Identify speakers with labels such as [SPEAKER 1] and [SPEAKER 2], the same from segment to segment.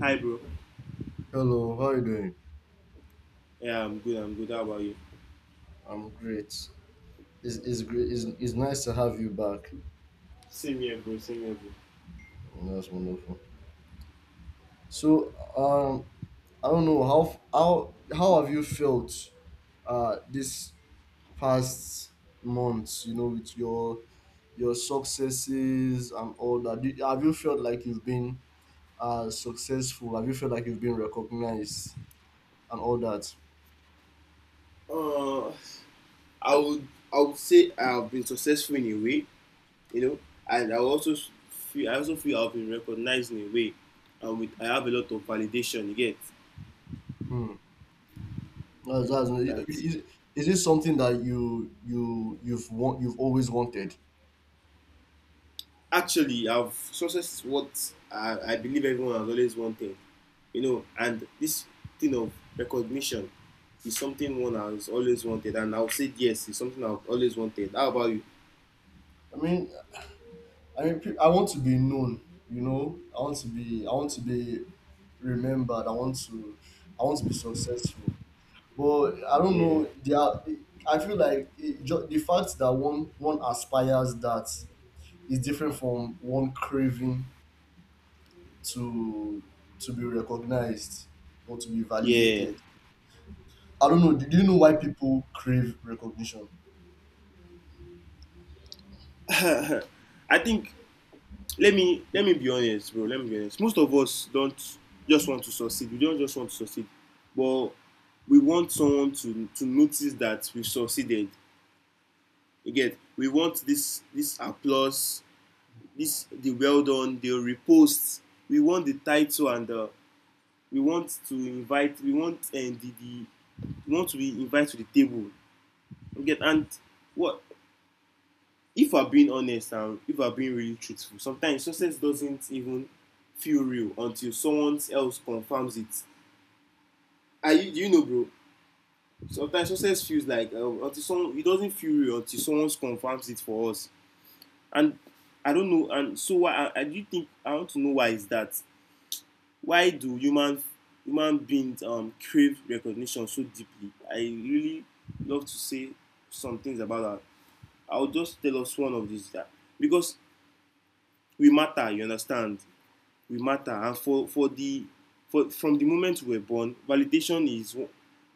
[SPEAKER 1] Hi, bro.
[SPEAKER 2] Hello, how you doing?
[SPEAKER 1] Yeah, I'm good. I'm good. How about you?
[SPEAKER 2] I'm great. It's great. It's nice to have you back.
[SPEAKER 1] Same here, bro. Same here,
[SPEAKER 2] That's wonderful. So, I don't know how have you felt, this past months? You know, with your successes and all that. Did, have you felt like you've been successful? Have you felt like you've been recognized and all that?
[SPEAKER 1] bro. I would say I've been successful in a way, you know, and I also feel I've been recognized in a way, and with I have a lot of validation. You get,
[SPEAKER 2] Hmm. That's,
[SPEAKER 1] yeah,
[SPEAKER 2] that's,
[SPEAKER 1] that
[SPEAKER 2] is, is it something that you've always wanted?
[SPEAKER 1] actually I've success is what I believe everyone has always wanted, you know, and this thing of recognition is something one has always wanted, and I'll say yes, it's something I've always wanted. How about you?
[SPEAKER 2] I mean, I want to be known. You know, I want to be remembered. I want to be successful. But I don't
[SPEAKER 1] Yeah.
[SPEAKER 2] know. I feel like the fact that one aspires that is different from one craving to to be recognized or to be
[SPEAKER 1] Yeah,
[SPEAKER 2] validated. I don't know. Do you know why people crave recognition?
[SPEAKER 1] I think let me be honest, bro. Let me be honest. Most of us don't just want to succeed. We don't just want to succeed, but we want someone to notice that we succeeded. Again, we want this applause, this the well done, the repost. We want the title and the, we want to invite. We want to be invited to the table. Again, and what if we're being honest and if we're being really truthful, sometimes success doesn't even feel real until someone else confirms it. Are you, bro? Sometimes success feels like, until someone, it doesn't feel real until someone confirms it for us. And I don't know. And so why? I do think I want to know, why is that? Why do human beings crave recognition so deeply? I really love to say some things about that. I'll just tell us one of these that, because we matter. You understand? We matter, and for the for from the moment we were born, validation is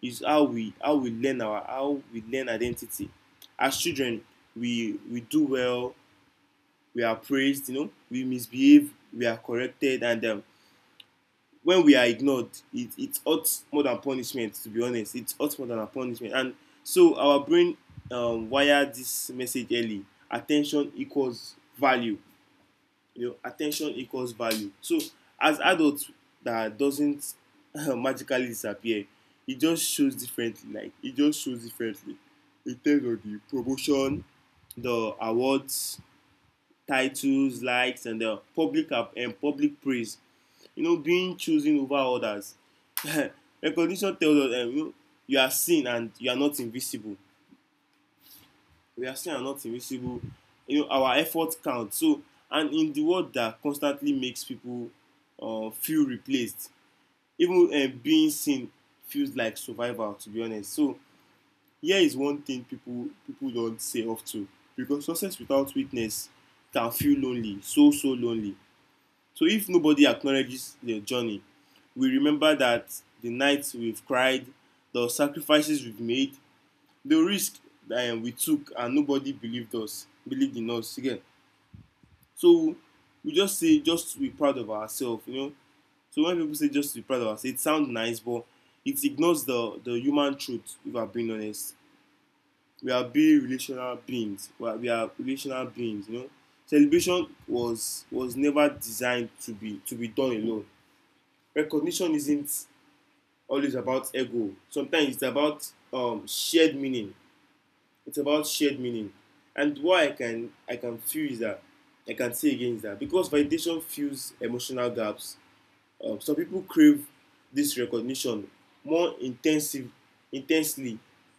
[SPEAKER 1] is how we learn identity. As children, we do well, we are praised, you know, we misbehave, we are corrected, and when we are ignored, it hurts more than punishment, to be honest. It hurts more than a punishment, and so our brain, wire this message early: attention equals value. You know, attention equals value. So as adults, that doesn't magically disappear. It just shows differently. Like, it just shows differently in terms of the promotion, the awards, titles, likes, and the public public praise, you know, being chosen over others. Recognition tells us, you know, you are seen, and you are not invisible. We are still not invisible. You know, our effort count. So, and in the world that constantly makes people feel replaced, even being seen feels like survival, to be honest. So here is one thing people don't say of ten because success without witness can feel lonely, so so lonely. So if nobody acknowledges their journey, we remember that the nights we've cried, the sacrifices we've made, the risk that we took, and nobody believed in us again. So we just say, just to be proud of ourselves, you know. So when people say just to be proud of ourselves, it sounds nice, but it ignores the human truth, if I'm being honest. We are being relational beings. We are relational beings, you know. Celebration was never designed to be done alone. Recognition isn't always about ego. Sometimes it's about, shared meaning. It's about shared meaning. And why I can, I can feel, is that, I can say again, is that, because validation fills emotional gaps. Some people crave this recognition more intensive intensely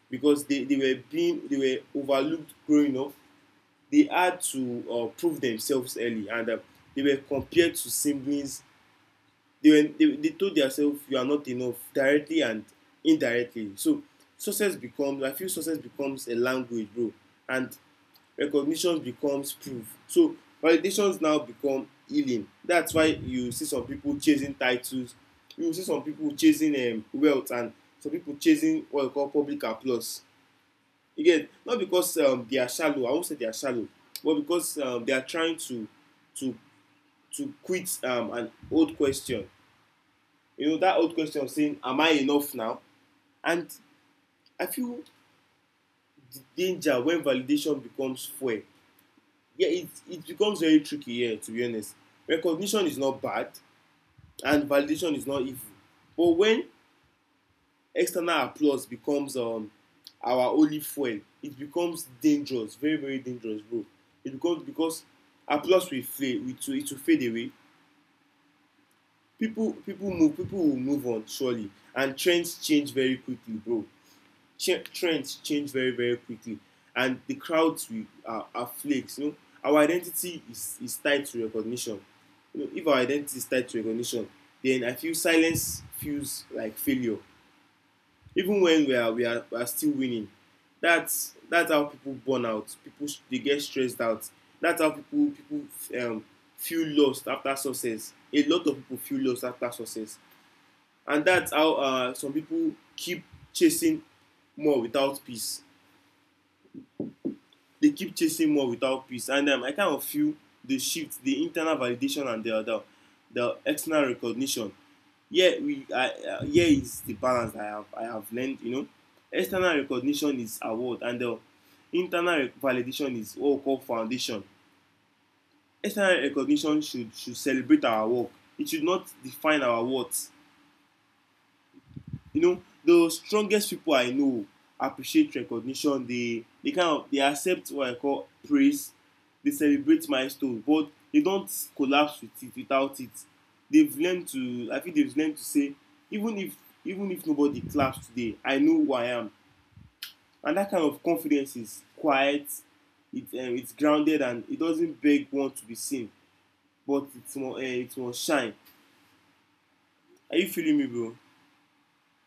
[SPEAKER 1] because they were overlooked growing up. They had to, prove themselves early, and they were compared to siblings. They told themselves you are not enough, directly and indirectly. So success becomes I feel success becomes a language, bro, and recognition becomes proof. So validations now become healing. That's why you see some people chasing titles, you see some people chasing, wealth, and some people chasing what we call public applause. You get, not because, they are shallow, I won say they are shallow, but because, they are trying to to to quit, an old question, you know, that old question of saying, am I enough now? And I feel the danger when validation becomes fuel. Yeah, it becomes very tricky here, to be honest. Recognition is not bad, and validation is not evil. But when external applause becomes, our only fuel, it becomes dangerous, very, very dangerous, bro. It becomes, because applause will fade. It will fade away. People, people move, people will move on, surely. And trends change very quickly, bro. Trends change very very quickly, and the crowds we are flakes, you know. Our identity is tied to recognition. You know, if our identity is tied to recognition, then I feel silence feels like failure, even when we are still winning. That's how people burn out. People, they get stressed out. That's how people um, feel lost after success. A lot of people feel lost after success. And that's how, some people keep chasing more without peace. They keep chasing more without peace. And I kind of feel the shift, the internal validation and the external recognition. Yeah, is the balance I have learned. You know, external recognition is award, and the internal validation is what we call foundation. External recognition should celebrate our work. It should not define our worth. You know, the strongest people I know appreciate recognition. They kind of they accept what I call praise. They celebrate milestones, but they don't collapse without it. They've learned to I think they've learned to say, even if even if nobody claps today, I know who I am. And that kind of confidence is quiet. It's grounded, and it doesn't beg one to be seen, but it's more, it will shine. Are you feeling me, bro?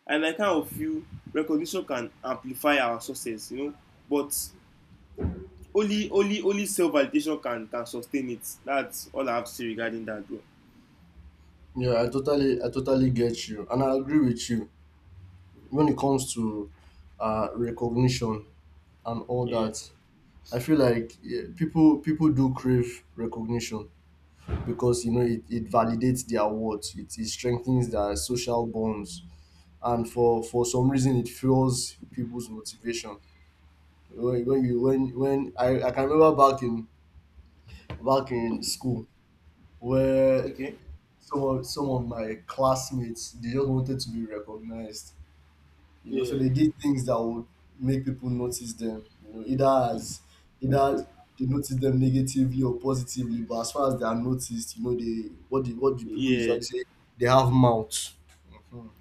[SPEAKER 1] And I kind of feel recognition can amplify our success, you know, but only self validation can sustain it. That's all I have to say regarding that, bro.
[SPEAKER 2] Yeah, I totally get you, and I agree with you. When it comes to recognition and all
[SPEAKER 1] Yeah.
[SPEAKER 2] that, I feel like, yeah, people do crave recognition because, you know, it validates their worth, it strengthens their social bonds, and for some reason it fuels people's motivation. When, when you when when I, I can remember, back in school where
[SPEAKER 1] Okay.
[SPEAKER 2] some of my classmates, they just wanted to be recognized, you know, so
[SPEAKER 1] Yeah,
[SPEAKER 2] they did things that would make people notice them, you know, either they notice them negatively or positively, but as far as they are noticed, you know, they what the people
[SPEAKER 1] yeah.
[SPEAKER 2] usually say, they have mouths. Mhm.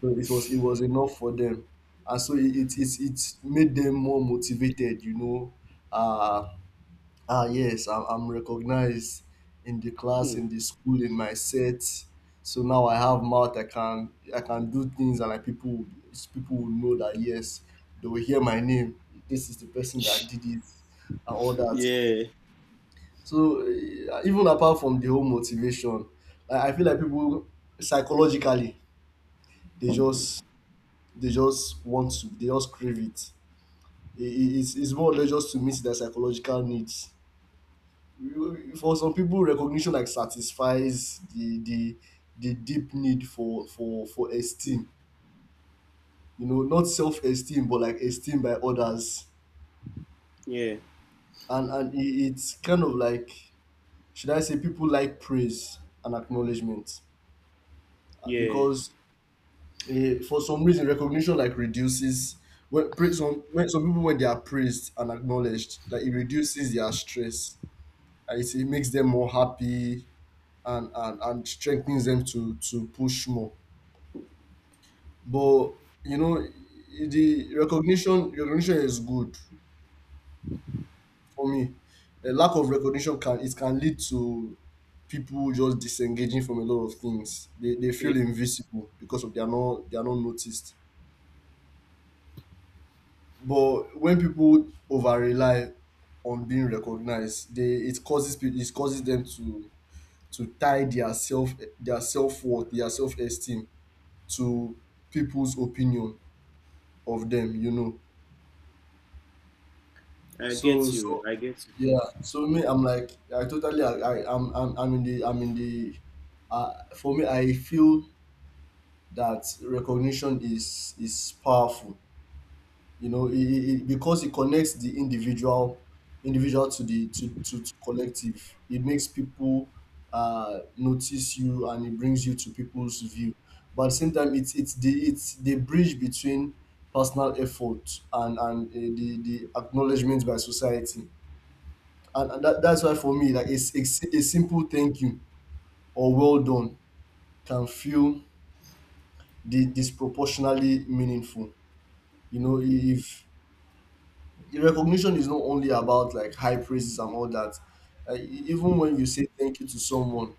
[SPEAKER 2] So it was enough for them, and so it made them more motivated, you know. uh Ah, yes, I'm recognized in the class,
[SPEAKER 1] Hmm.
[SPEAKER 2] in the school, in my set. So now I have mouth. I can do things, and like people will know that, yes, they will hear my name. This is the person that did it, and all that.
[SPEAKER 1] Yeah.
[SPEAKER 2] So, even apart from the whole motivation, I feel like people, psychologically, they just they just crave it. It's more or less just to meet their psychological needs. For some people, recognition like satisfies the deep need for
[SPEAKER 1] Hmm.
[SPEAKER 2] esteem, you know, not self-esteem but like esteem by others.
[SPEAKER 1] Yeah,
[SPEAKER 2] And it's kind of like, should I say, people like praise and acknowledgement.
[SPEAKER 1] yeah,
[SPEAKER 2] Because, for some reason, recognition like reduces — when praise some when some people when they are praised and acknowledged, like, it reduces their stress, and it makes them more happy, and and strengthens them to push more. But, you know, the recognition is good for me. A lack of recognition, can it can lead to people just disengaging from a lot of things. They
[SPEAKER 1] yeah.
[SPEAKER 2] feel invisible because of, they are not noticed. But when people over rely on being recognized, they it causes peo- it causes them to tie their self worth, their self esteem, to people's opinion of them. You know.
[SPEAKER 1] I
[SPEAKER 2] So,
[SPEAKER 1] get you,
[SPEAKER 2] so,
[SPEAKER 1] I get you.
[SPEAKER 2] yeah. So me, I'm like, I totally I I'm in the for me, I feel that recognition is powerful. You know, because it connects the individual to the to collective. It makes people notice you, and it brings you to people's view. But at the same time, it's the bridge between personal effort and the acknowledgement by society, and that's why for me like, it's a simple thank you or well done can feel disproportionately meaningful, you know. If the recognition is not only about like high praises and all that. Even when you say thank you to someone,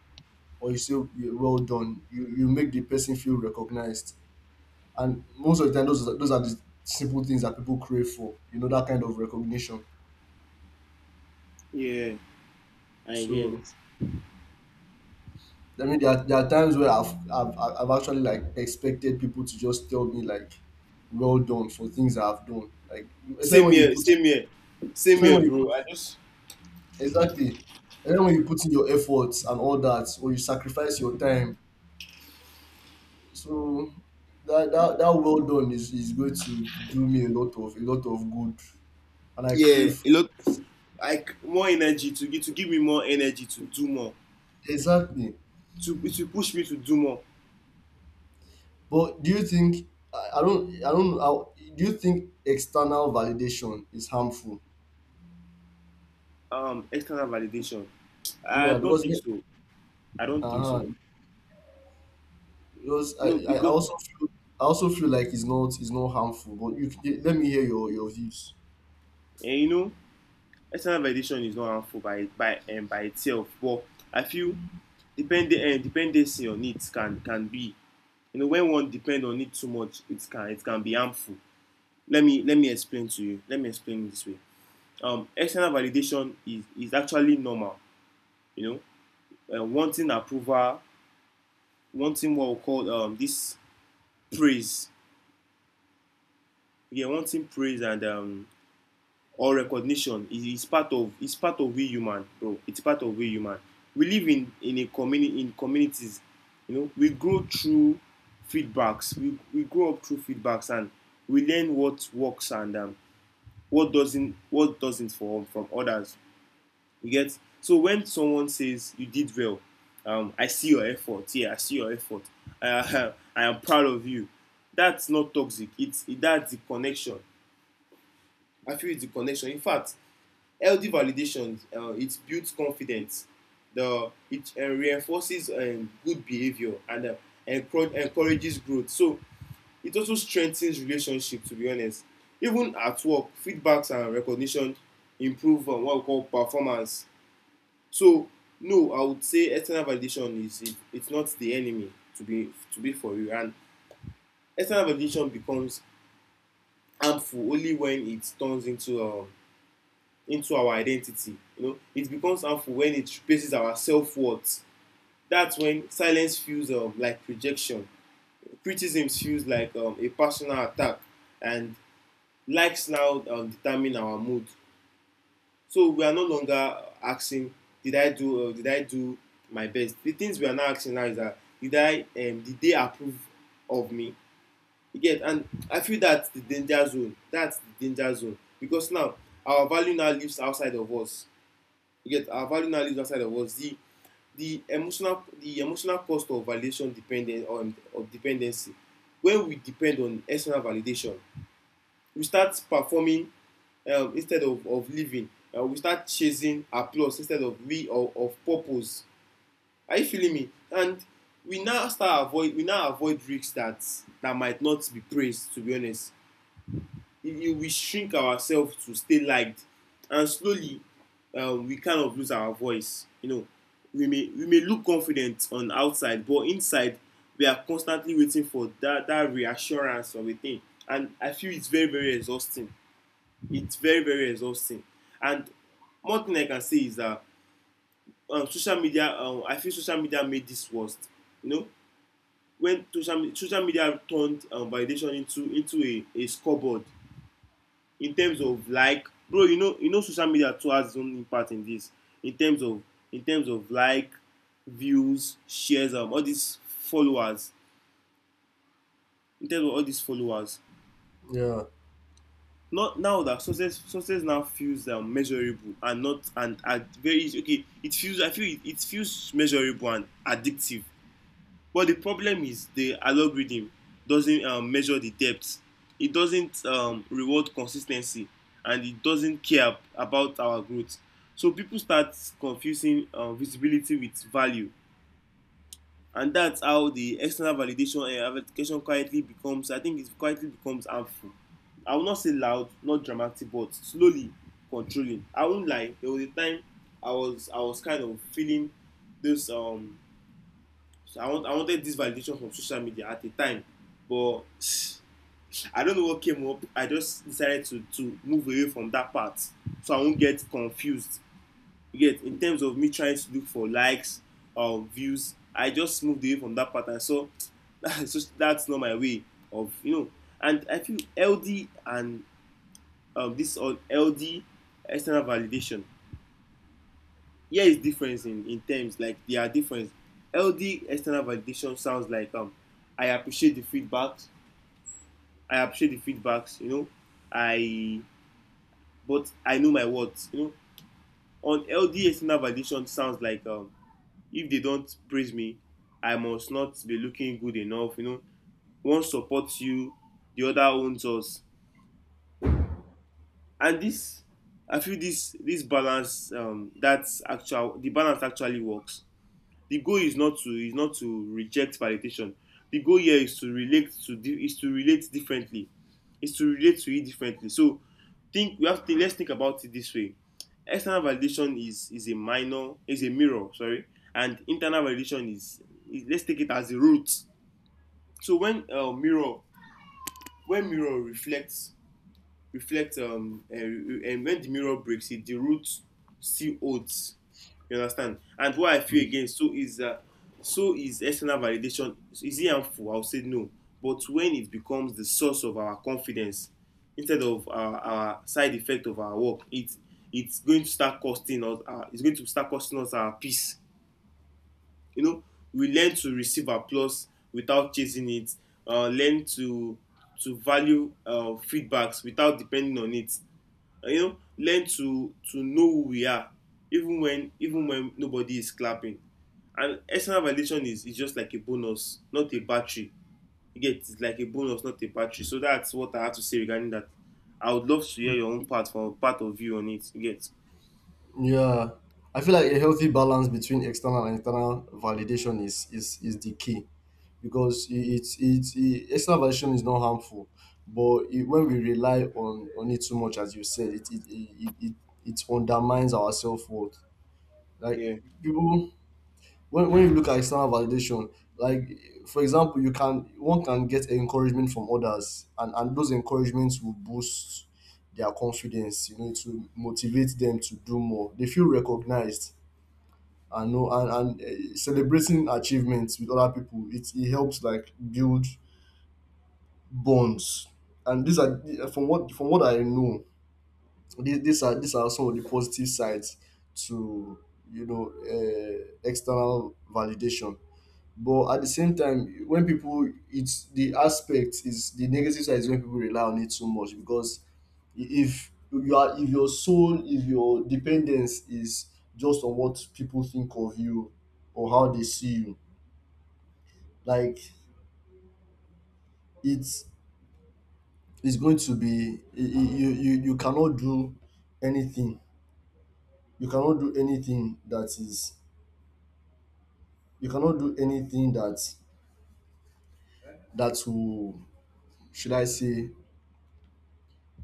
[SPEAKER 2] or you say, "Yeah, well done," you make the person feel recognized, and most of the time those are the simple things that people crave for, you know, that kind of recognition.
[SPEAKER 1] Yeah, I get.
[SPEAKER 2] So I mean, there are times where I've actually like expected people to just tell me like, well done for things I've done. Like, especially
[SPEAKER 1] Same
[SPEAKER 2] when you
[SPEAKER 1] here,
[SPEAKER 2] put,
[SPEAKER 1] same here, same
[SPEAKER 2] especially
[SPEAKER 1] here,
[SPEAKER 2] when you put,
[SPEAKER 1] bro. I just
[SPEAKER 2] exactly, especially when you put in your efforts and all that, or you sacrifice your time. So that well done is going to do me a lot of good, and I
[SPEAKER 1] Yeah,
[SPEAKER 2] crave
[SPEAKER 1] a
[SPEAKER 2] for —
[SPEAKER 1] lot. Like, more energy to give, to give me more energy to do more.
[SPEAKER 2] exactly.
[SPEAKER 1] To it will push me to do more.
[SPEAKER 2] But do you think — I don't I don't I, do you think external validation is harmful?
[SPEAKER 1] External validation, I
[SPEAKER 2] Yeah,
[SPEAKER 1] don't
[SPEAKER 2] because
[SPEAKER 1] think
[SPEAKER 2] me,
[SPEAKER 1] so. I don't think so.
[SPEAKER 2] uh-huh. Because
[SPEAKER 1] No,
[SPEAKER 2] I
[SPEAKER 1] because,
[SPEAKER 2] also feel, like it's not harmful. But you let me hear your views.
[SPEAKER 1] you know, external validation is not harmful by by itself, but I feel depending dependency on it can be, you know, when one depend on it too much, it can be harmful. Let me explain to you. Let me explain it this way. External validation is actually normal. You know, wanting approval, wanting what we call, this praise, yeah, wanting praise, and or recognition is part of we human, bro. It's part of we human. We live in a community, in communities. You know, we grow up through feedbacks, and we learn what works, and what doesn't for from others. You get. So when someone says, you did well, I see your effort, yeah, I see your effort, uh, I am proud of you. That's not toxic. That's the connection. I feel it's the connection. In fact, healthy validation, it builds confidence. The it uh, reinforces, good behavior, and encourages growth. So it also strengthens relationships, to be honest. Even at work, feedbacks and recognition improve, what we call performance. So no, I would say external validation is it's not the enemy, to be, to be for you. And external validation becomes harmful only when it turns into our identity. You know, it becomes harmful when it replaces our self worth. That's when silence feels, like rejection. Criticism feels like, a personal attack, and likes now, determine our mood. So we are no longer asking, "Did I do my best?" The things we are now asking now is that, "Did I? Did they approve of me?" Again, and I feel that's the danger zone. That's the danger zone, because now our value now lives outside of us. You get, our value now lives outside of us. The emotional cost of validation dependent on, of dependency. When we depend on external validation, we start performing, instead of living. We start chasing applause instead of purpose. Are you feeling me? And we now start avoid we now avoid risks that that might not be praised, to be honest. If we shrink ourselves to stay liked, and slowly we kind of lose our voice. We may look confident on outside, but inside we are constantly waiting for that reassurance of a thing. And I feel it's very, very exhausting. It's very, very exhausting. And one thing I can say is that social media. I feel social media made this worse. You know, when social media turned validation into a, scoreboard. In terms of, like, bro, you know, social media too has its own impact in this, in terms of, like, views, shares, all these followers, in terms of all these followers.
[SPEAKER 2] Yeah.
[SPEAKER 1] Not now that success now feels measurable and not and at very okay it feels I feel it, it feels measurable and addictive. But the problem is the algorithm doesn't measure the depth. It doesn't reward consistency, and it doesn't care about our growth. So people start confusing visibility with value, and that's how the external validation and verification quietly becomes. I think it quietly becomes harmful. I will not say loud, not dramatic, but slowly controlling. I won't lie. There was a time I was kind of feeling this So I wanted this validation from social media at the time, but I don't know what came up. I just decided to move away from that part, so I won't get confused. You get, in terms of me trying to look for likes or views. I just moved away from that part and so that's that's not my way of you know. And I feel LD, and this on LD external validation here is difference in terms, like, there are difference. LD external validation sounds like, I appreciate the feedbacks. I appreciate the feedbacks, you know. I but I know my words, you know. On LD external validation sounds like, if they don't praise me, I must not be looking good enough, you know. One supports you, the other owns us. And this, I feel this balance, that's actual the balance actually works. The goal is not to, reject validation. The goal here is to relate to di is to relate differently, is to relate to it differently. So, think we have to think let's think about it this way. External validation is a minor is a mirror, sorry. And internal validation is, let's take it as a root. So when mirror reflects, reflect and when the mirror breaks it, the root still holds. You understand? And what I feel
[SPEAKER 2] Mm.
[SPEAKER 1] again, so is, so is external validation. Is it harmful? I would say no. But when it becomes the source of our confidence instead of our, side effect of our work, it it's going to start costing us our peace, you know. We learn to receive applause without chasing it. Learn to value feedbacks without depending on it. You know, learn to know who we are, even when nobody is clapping. And external validation is just like a bonus, not a battery. You get, it's like a bonus, not a battery. So that's what I have to say regarding that. I would love to hear your own part, from part of you on it. You get?
[SPEAKER 2] Yeah. I feel like a healthy balance between external and internal validation is the key, because external validation is not harmful, but when we rely on it too much, as you said, it undermines our self worth. Like,
[SPEAKER 1] Yeah.
[SPEAKER 2] people — when you look at external validation, like, for example, you can one can get encouragement from others, and those encouragements will boost their confidence, you know, to motivate them to do more. They feel recognized, and celebrating achievements with other people, it helps like build bonds, and these are, from what I know, these, these are some of the positive sides to, external validation. But at the same time, it's the aspect — is the negative side — is when people rely on it too much. Because, if you are, if your soul, if your dependence is just on what people think of you, or how they see you, like, it's it's going to be I- you cannot do anything. You cannot do anything that is — you cannot do anything that will, should I say,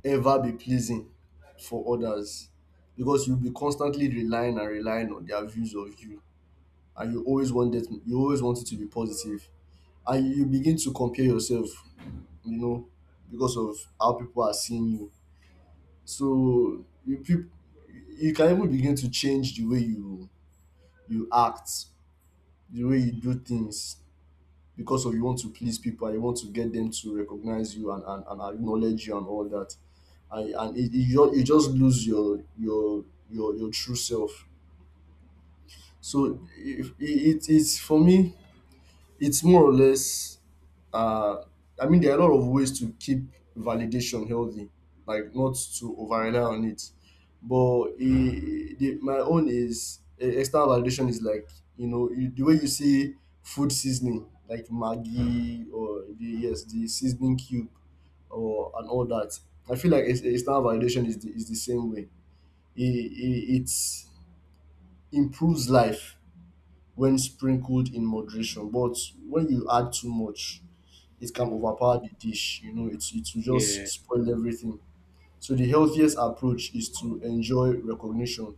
[SPEAKER 2] ever be pleasing for others, because you'll be constantly relying and relying on their views of you, and you always want it to be positive, and you begin to compare yourself, you know, because of how people are seeing you. So you can even begin to change the way you act, the way you do things, because of you want to please people, and you want to get them to recognize you, and, acknowledge you and all that, and you just lose your true self. So if it, it, it's for me, it's more or less, uh I mean, there are a lot of ways to keep validation healthy, like not to over rely on it. But, e the my own is — external validation is like, you know, the way you see food seasoning, like Maggi, or the seasoning cube, or and all that. I feel like external validation is the same way. It improves life when sprinkled in moderation, but when you add too much, it can
[SPEAKER 1] mm,
[SPEAKER 2] overpower the dish. You know, it will just
[SPEAKER 1] yeah.
[SPEAKER 2] spoil everything. So the healthiest approach is to enjoy recognition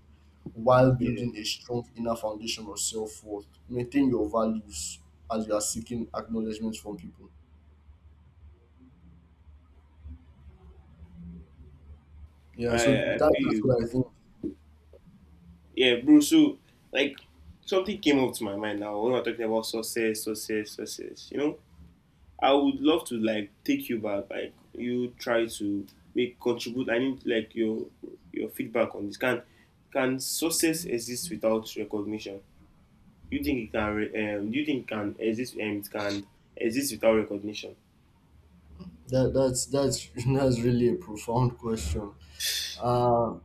[SPEAKER 2] while
[SPEAKER 1] Yeah,
[SPEAKER 2] building a strong inner foundation of self-worth. Maintain your values as you are seeking acknowledgement from people. Yeah, so
[SPEAKER 1] I
[SPEAKER 2] that,
[SPEAKER 1] feel
[SPEAKER 2] that's
[SPEAKER 1] you.
[SPEAKER 2] what I think.
[SPEAKER 1] Yeah, bro. So, like, something came up to my mind now, when we're talking about success, you know. I would love to like take you back, like you try to make contribute. I need like your feedback on this. Can success exist without recognition? Do you think it can? Do you think it can exist? It can exist without recognition.
[SPEAKER 2] That's that's really a profound question. Uh,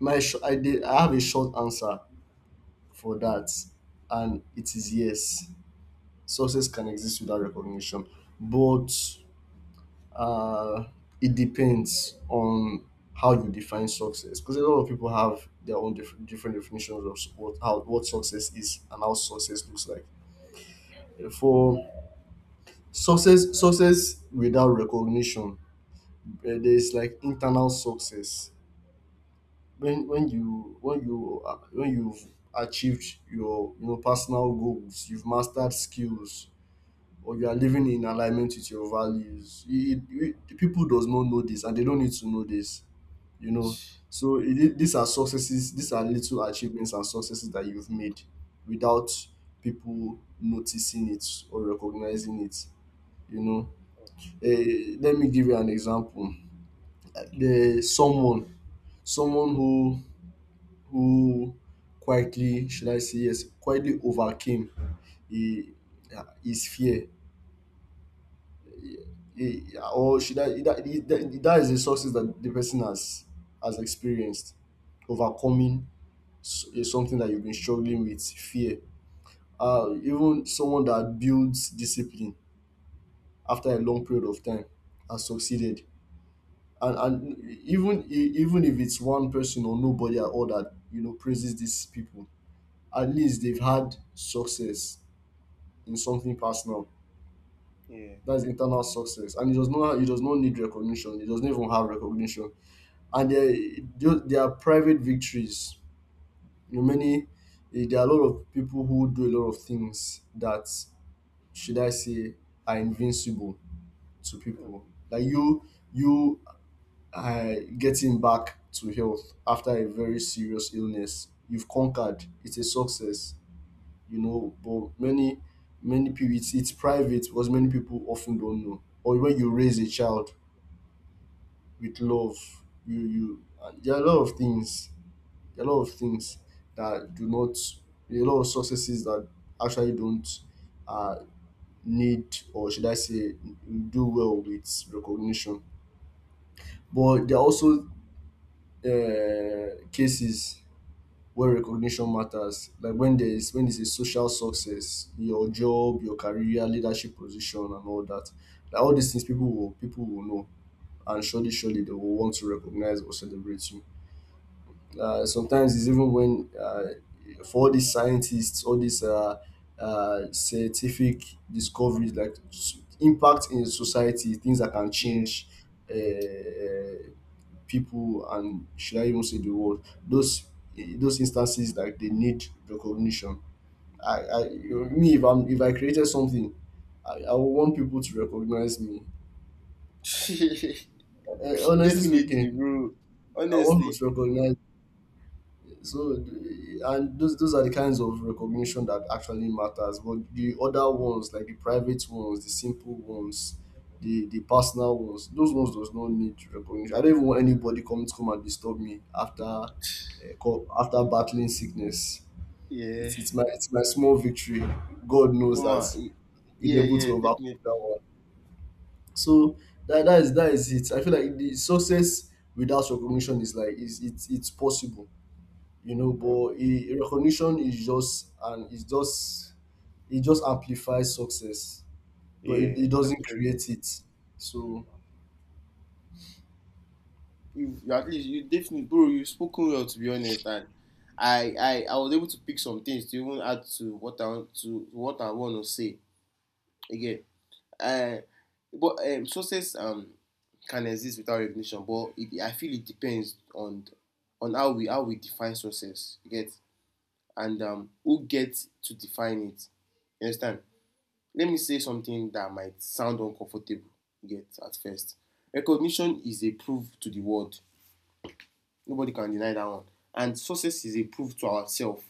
[SPEAKER 2] my sh- I did, I have a short answer for that, and it is yes. Success can exist without recognition, but, Uh, it depends on how you define success, because a lot of people have their own different definitions of what, how — what success is and how success looks like. For success, success without recognition, there's like internal success. When you when you when you've achieved your, you know, personal goals, you've mastered skills, or you are living in alignment with your values, people does not know this, and they don't need to know this, you know. So, these are little achievements and successes that you've made without people noticing it or recognizing it, you know. Let me give you an example.
[SPEAKER 1] Thank you, bro.
[SPEAKER 2] The someone someone who quietly, should I say, yes, quietly overcame he, his fear, he, or should I that, that is a success that the person has experienced, overcoming is something that you've been struggling with, fear. Even someone that builds discipline after a long period of time has succeeded. And even if it's one person or nobody at all that, you know, praises these people, at least they've had success in something personal.
[SPEAKER 1] Yeah.
[SPEAKER 2] That's internal success, and it does not need recognition. It doesn't even have recognition. And there, there are private victories. You know, there are a lot of people who do a lot of things that, should I say, are invincible to
[SPEAKER 1] Mm.
[SPEAKER 2] people. Like, you are getting back to health after a very serious illness. You've conquered. It's a success, you know. But many, many people, it's private, because many people often don't know. Or when you raise a child with love, you and there are a lot of things, there are a lot of things, that do not, there are a lot of successes that actually don't, uh, need, or should I say, do well with recognition. But there are also, cases where recognition matters, like when there is when there's a social success, your job, your career, leadership position, and all that. Like, all these things, people will know, and surely, surely, they will want to recognize or celebrate you. Sometimes it's even when, for all these scientists, all these, scientific discoveries, like, impact in society, things that can
[SPEAKER 1] Yeah.
[SPEAKER 2] change, uh, people, and should I even say, the world? Those instances, like, they need recognition. I you- me if I'm if I created something, I would want people to recognize me. Honestly
[SPEAKER 1] Definitely,
[SPEAKER 2] speaking,
[SPEAKER 1] bro.
[SPEAKER 2] I want people
[SPEAKER 1] Honestly.
[SPEAKER 2] to recognize. So, th- and those are the kinds of recognition that actually matters. But the other ones, like the private ones, the simple ones, the personal ones, those ones does not need recognition. I don't even want anybody coming to come and disturb me after, after battling sickness.
[SPEAKER 1] Yeah.
[SPEAKER 2] It's my it's my small victory. God knows
[SPEAKER 1] Mama.
[SPEAKER 2] that we're
[SPEAKER 1] Yeah,
[SPEAKER 2] able to
[SPEAKER 1] yeah,
[SPEAKER 2] overcome that
[SPEAKER 1] definitely.
[SPEAKER 2] one. So that, that is, that is it. I feel like the success without recognition is like, is it's possible, you know.
[SPEAKER 1] Mm.
[SPEAKER 2] But, e recognition is just, and it's just it just amplifies success, but it,
[SPEAKER 1] Yeah.
[SPEAKER 2] it
[SPEAKER 1] That's
[SPEAKER 2] doesn't
[SPEAKER 1] fair.
[SPEAKER 2] create it. So,
[SPEAKER 1] You you at least you definitely, bro, you spoken well, to be honest. And I I was able to pick some things to even add to what I want to, say again. Uh, but success can exist without recognition, but it, I feel it depends on how we define success. You get? And who gets to define it? You understand? Let me say something that might sound uncomfortable. You get, at first. Recognition is a proof to the world. Nobody can deny that one. And success is a proof to ourselves.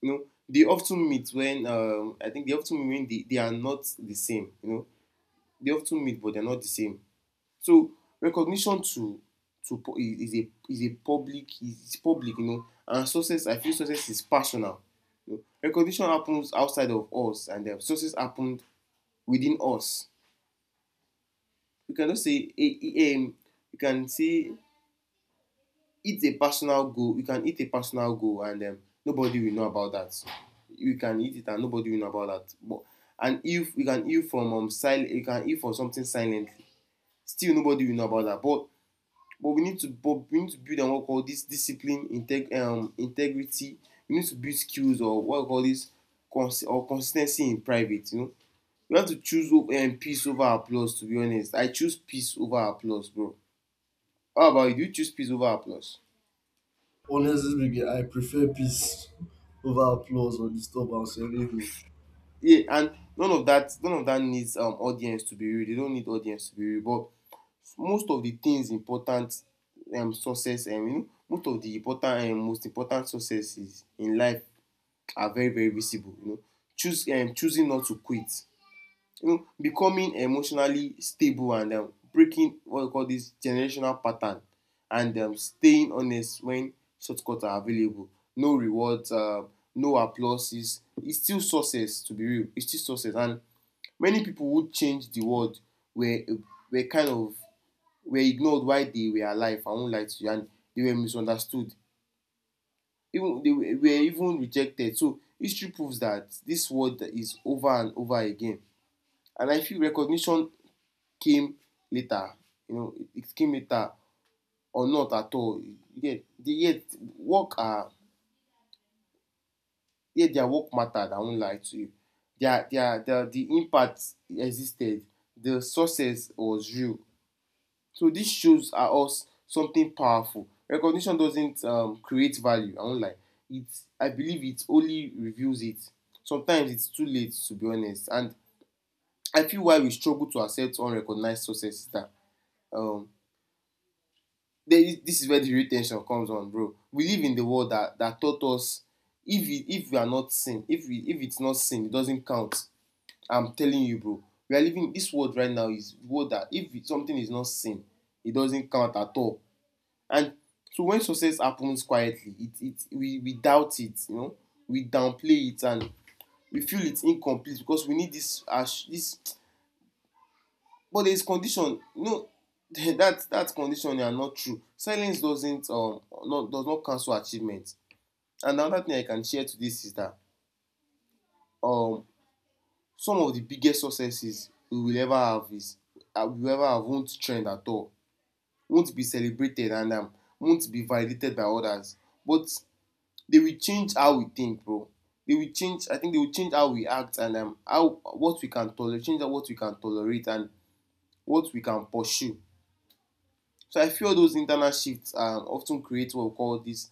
[SPEAKER 1] You know, they often meet when, I think they often meet, when they are not the same. You know, they often meet but they're not the same. So recognition to is a public is public. You know, and success, I feel success is personal. You know, recognition happens outside of us, and the success happened within us. You can just say a, you can say it's a personal goal. You can hit a personal goal and nobody will know about that. You can hit it and nobody will know about that, but and if you can heal from, sil you can heal from something silently, still nobody will know about that. But we need to, build on what we call this discipline, integrity. We need to build skills, or what we call this consis ten cy in private, you know. We have to choose peace over applause. To be honest, I choose peace over applause, bro. How about you? Do you choose peace over applause?
[SPEAKER 2] honestly speaking, I prefer peace over applause, or disturbance, or anything.
[SPEAKER 1] Yeah. And none of that, needs audience to be real. They don't need audience to be real. But most of the things important, success you know, most of the important, most important successes in life are very, very visible. You know, choose choosing not to quit, you know, becoming emotionally stable, and breaking what we call this generational pattern, and staying honest when shortcuts are available. No rewards, no applauses. It's still success, to be real. It's still success. And many people who changed the world were were kind of were ignored while they were alive. I won't lie to you, and they were misunderstood. Even they were, even rejected. So history proves that this world is over and over again. And I feel recognition came later. You know, it came later or not at all. Yet, the, yet work are yet their work mattered. I won't lie to you. Their, the impact existed. The success was real. So this shows are us something powerful. Recognition doesn't create value. I won't lie. It I believe it only reveals it. Sometimes it's too late, to be honest. And I feel why we struggle to accept unrecognized success is that, um, there is, this is where the real tension comes on, bro. We live in the world that taught us if if we are not sin, if it's not sin, it doesn't count. I'm telling you, bro. We are living, this world right now is world that if something is not sin, it doesn't count at all. And so when success happens quietly, it we doubt it, you know. We downplay it, and we feel it's incomplete because we need this as this. But there is condition, no. That that condition are not true. Silence doesn't, not does not cancel achievement. And another thing I can share today is that, um some of the biggest successes we will ever have is, we will ever have, won't trend at all, won't be celebrated, and won't be validated by others. But they will change how we think, bro. They will change, I think they will change how we act, and how what we can tolerate, and what we can pursue. So I feel those internal shifts often create what we call this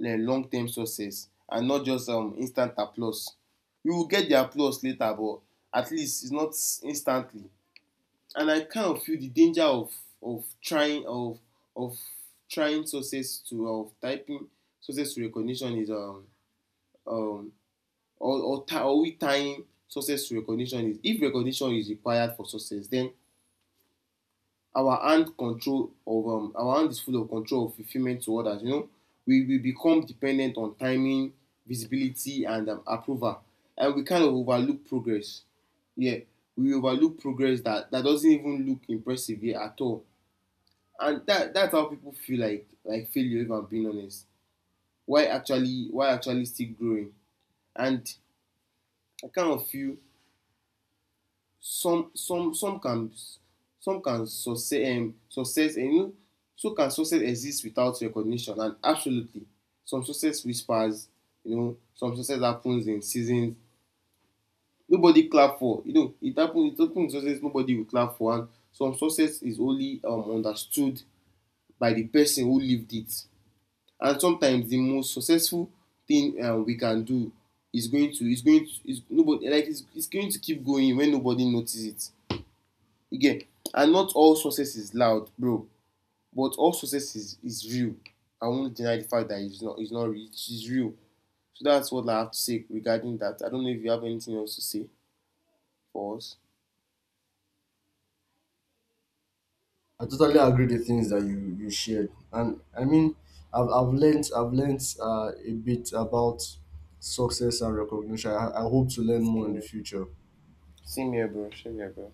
[SPEAKER 1] long-term success and not just instant applause. You will get the applause later, but at least it's not instantly. And I kind of feel the danger of of trying of of trying success to of typing success to recognition is, um or, tie, or we tying success to recognition, is if recognition is required for success, then our hand is full of control of fulfillment to others. You know, we become dependent on timing, visibility, and approval, and we kind of overlook progress. Yeah, we overlook progress that doesn't even look impressive here at all, and that's how people feel like, failure. If I'm being honest, why actually still growing? And I kind of feel some some some can some can success success, you know, so can success exist without recognition? And absolutely, some success whispers, you know. Some success happens in seasons nobody clap for, you know. It happen success nobody will clap for. And some success is only understood by the person who lived it. And sometimes the most successful thing we can do is going to is going to is nobody like is going to keep going when nobody notice it. Again. And not all success is loud, bro. But all success is, real. I won't deny the fact that it's not, real. It's real. So that's what I have to say regarding that. I don't know if you have anything else to say for us.
[SPEAKER 2] I totally agree the things that you shared, and I mean, I've learnt a bit about success and recognition. I hope to learn more
[SPEAKER 1] Same
[SPEAKER 2] in the
[SPEAKER 1] here,
[SPEAKER 2] future.
[SPEAKER 1] same here, bro. Same here, bro.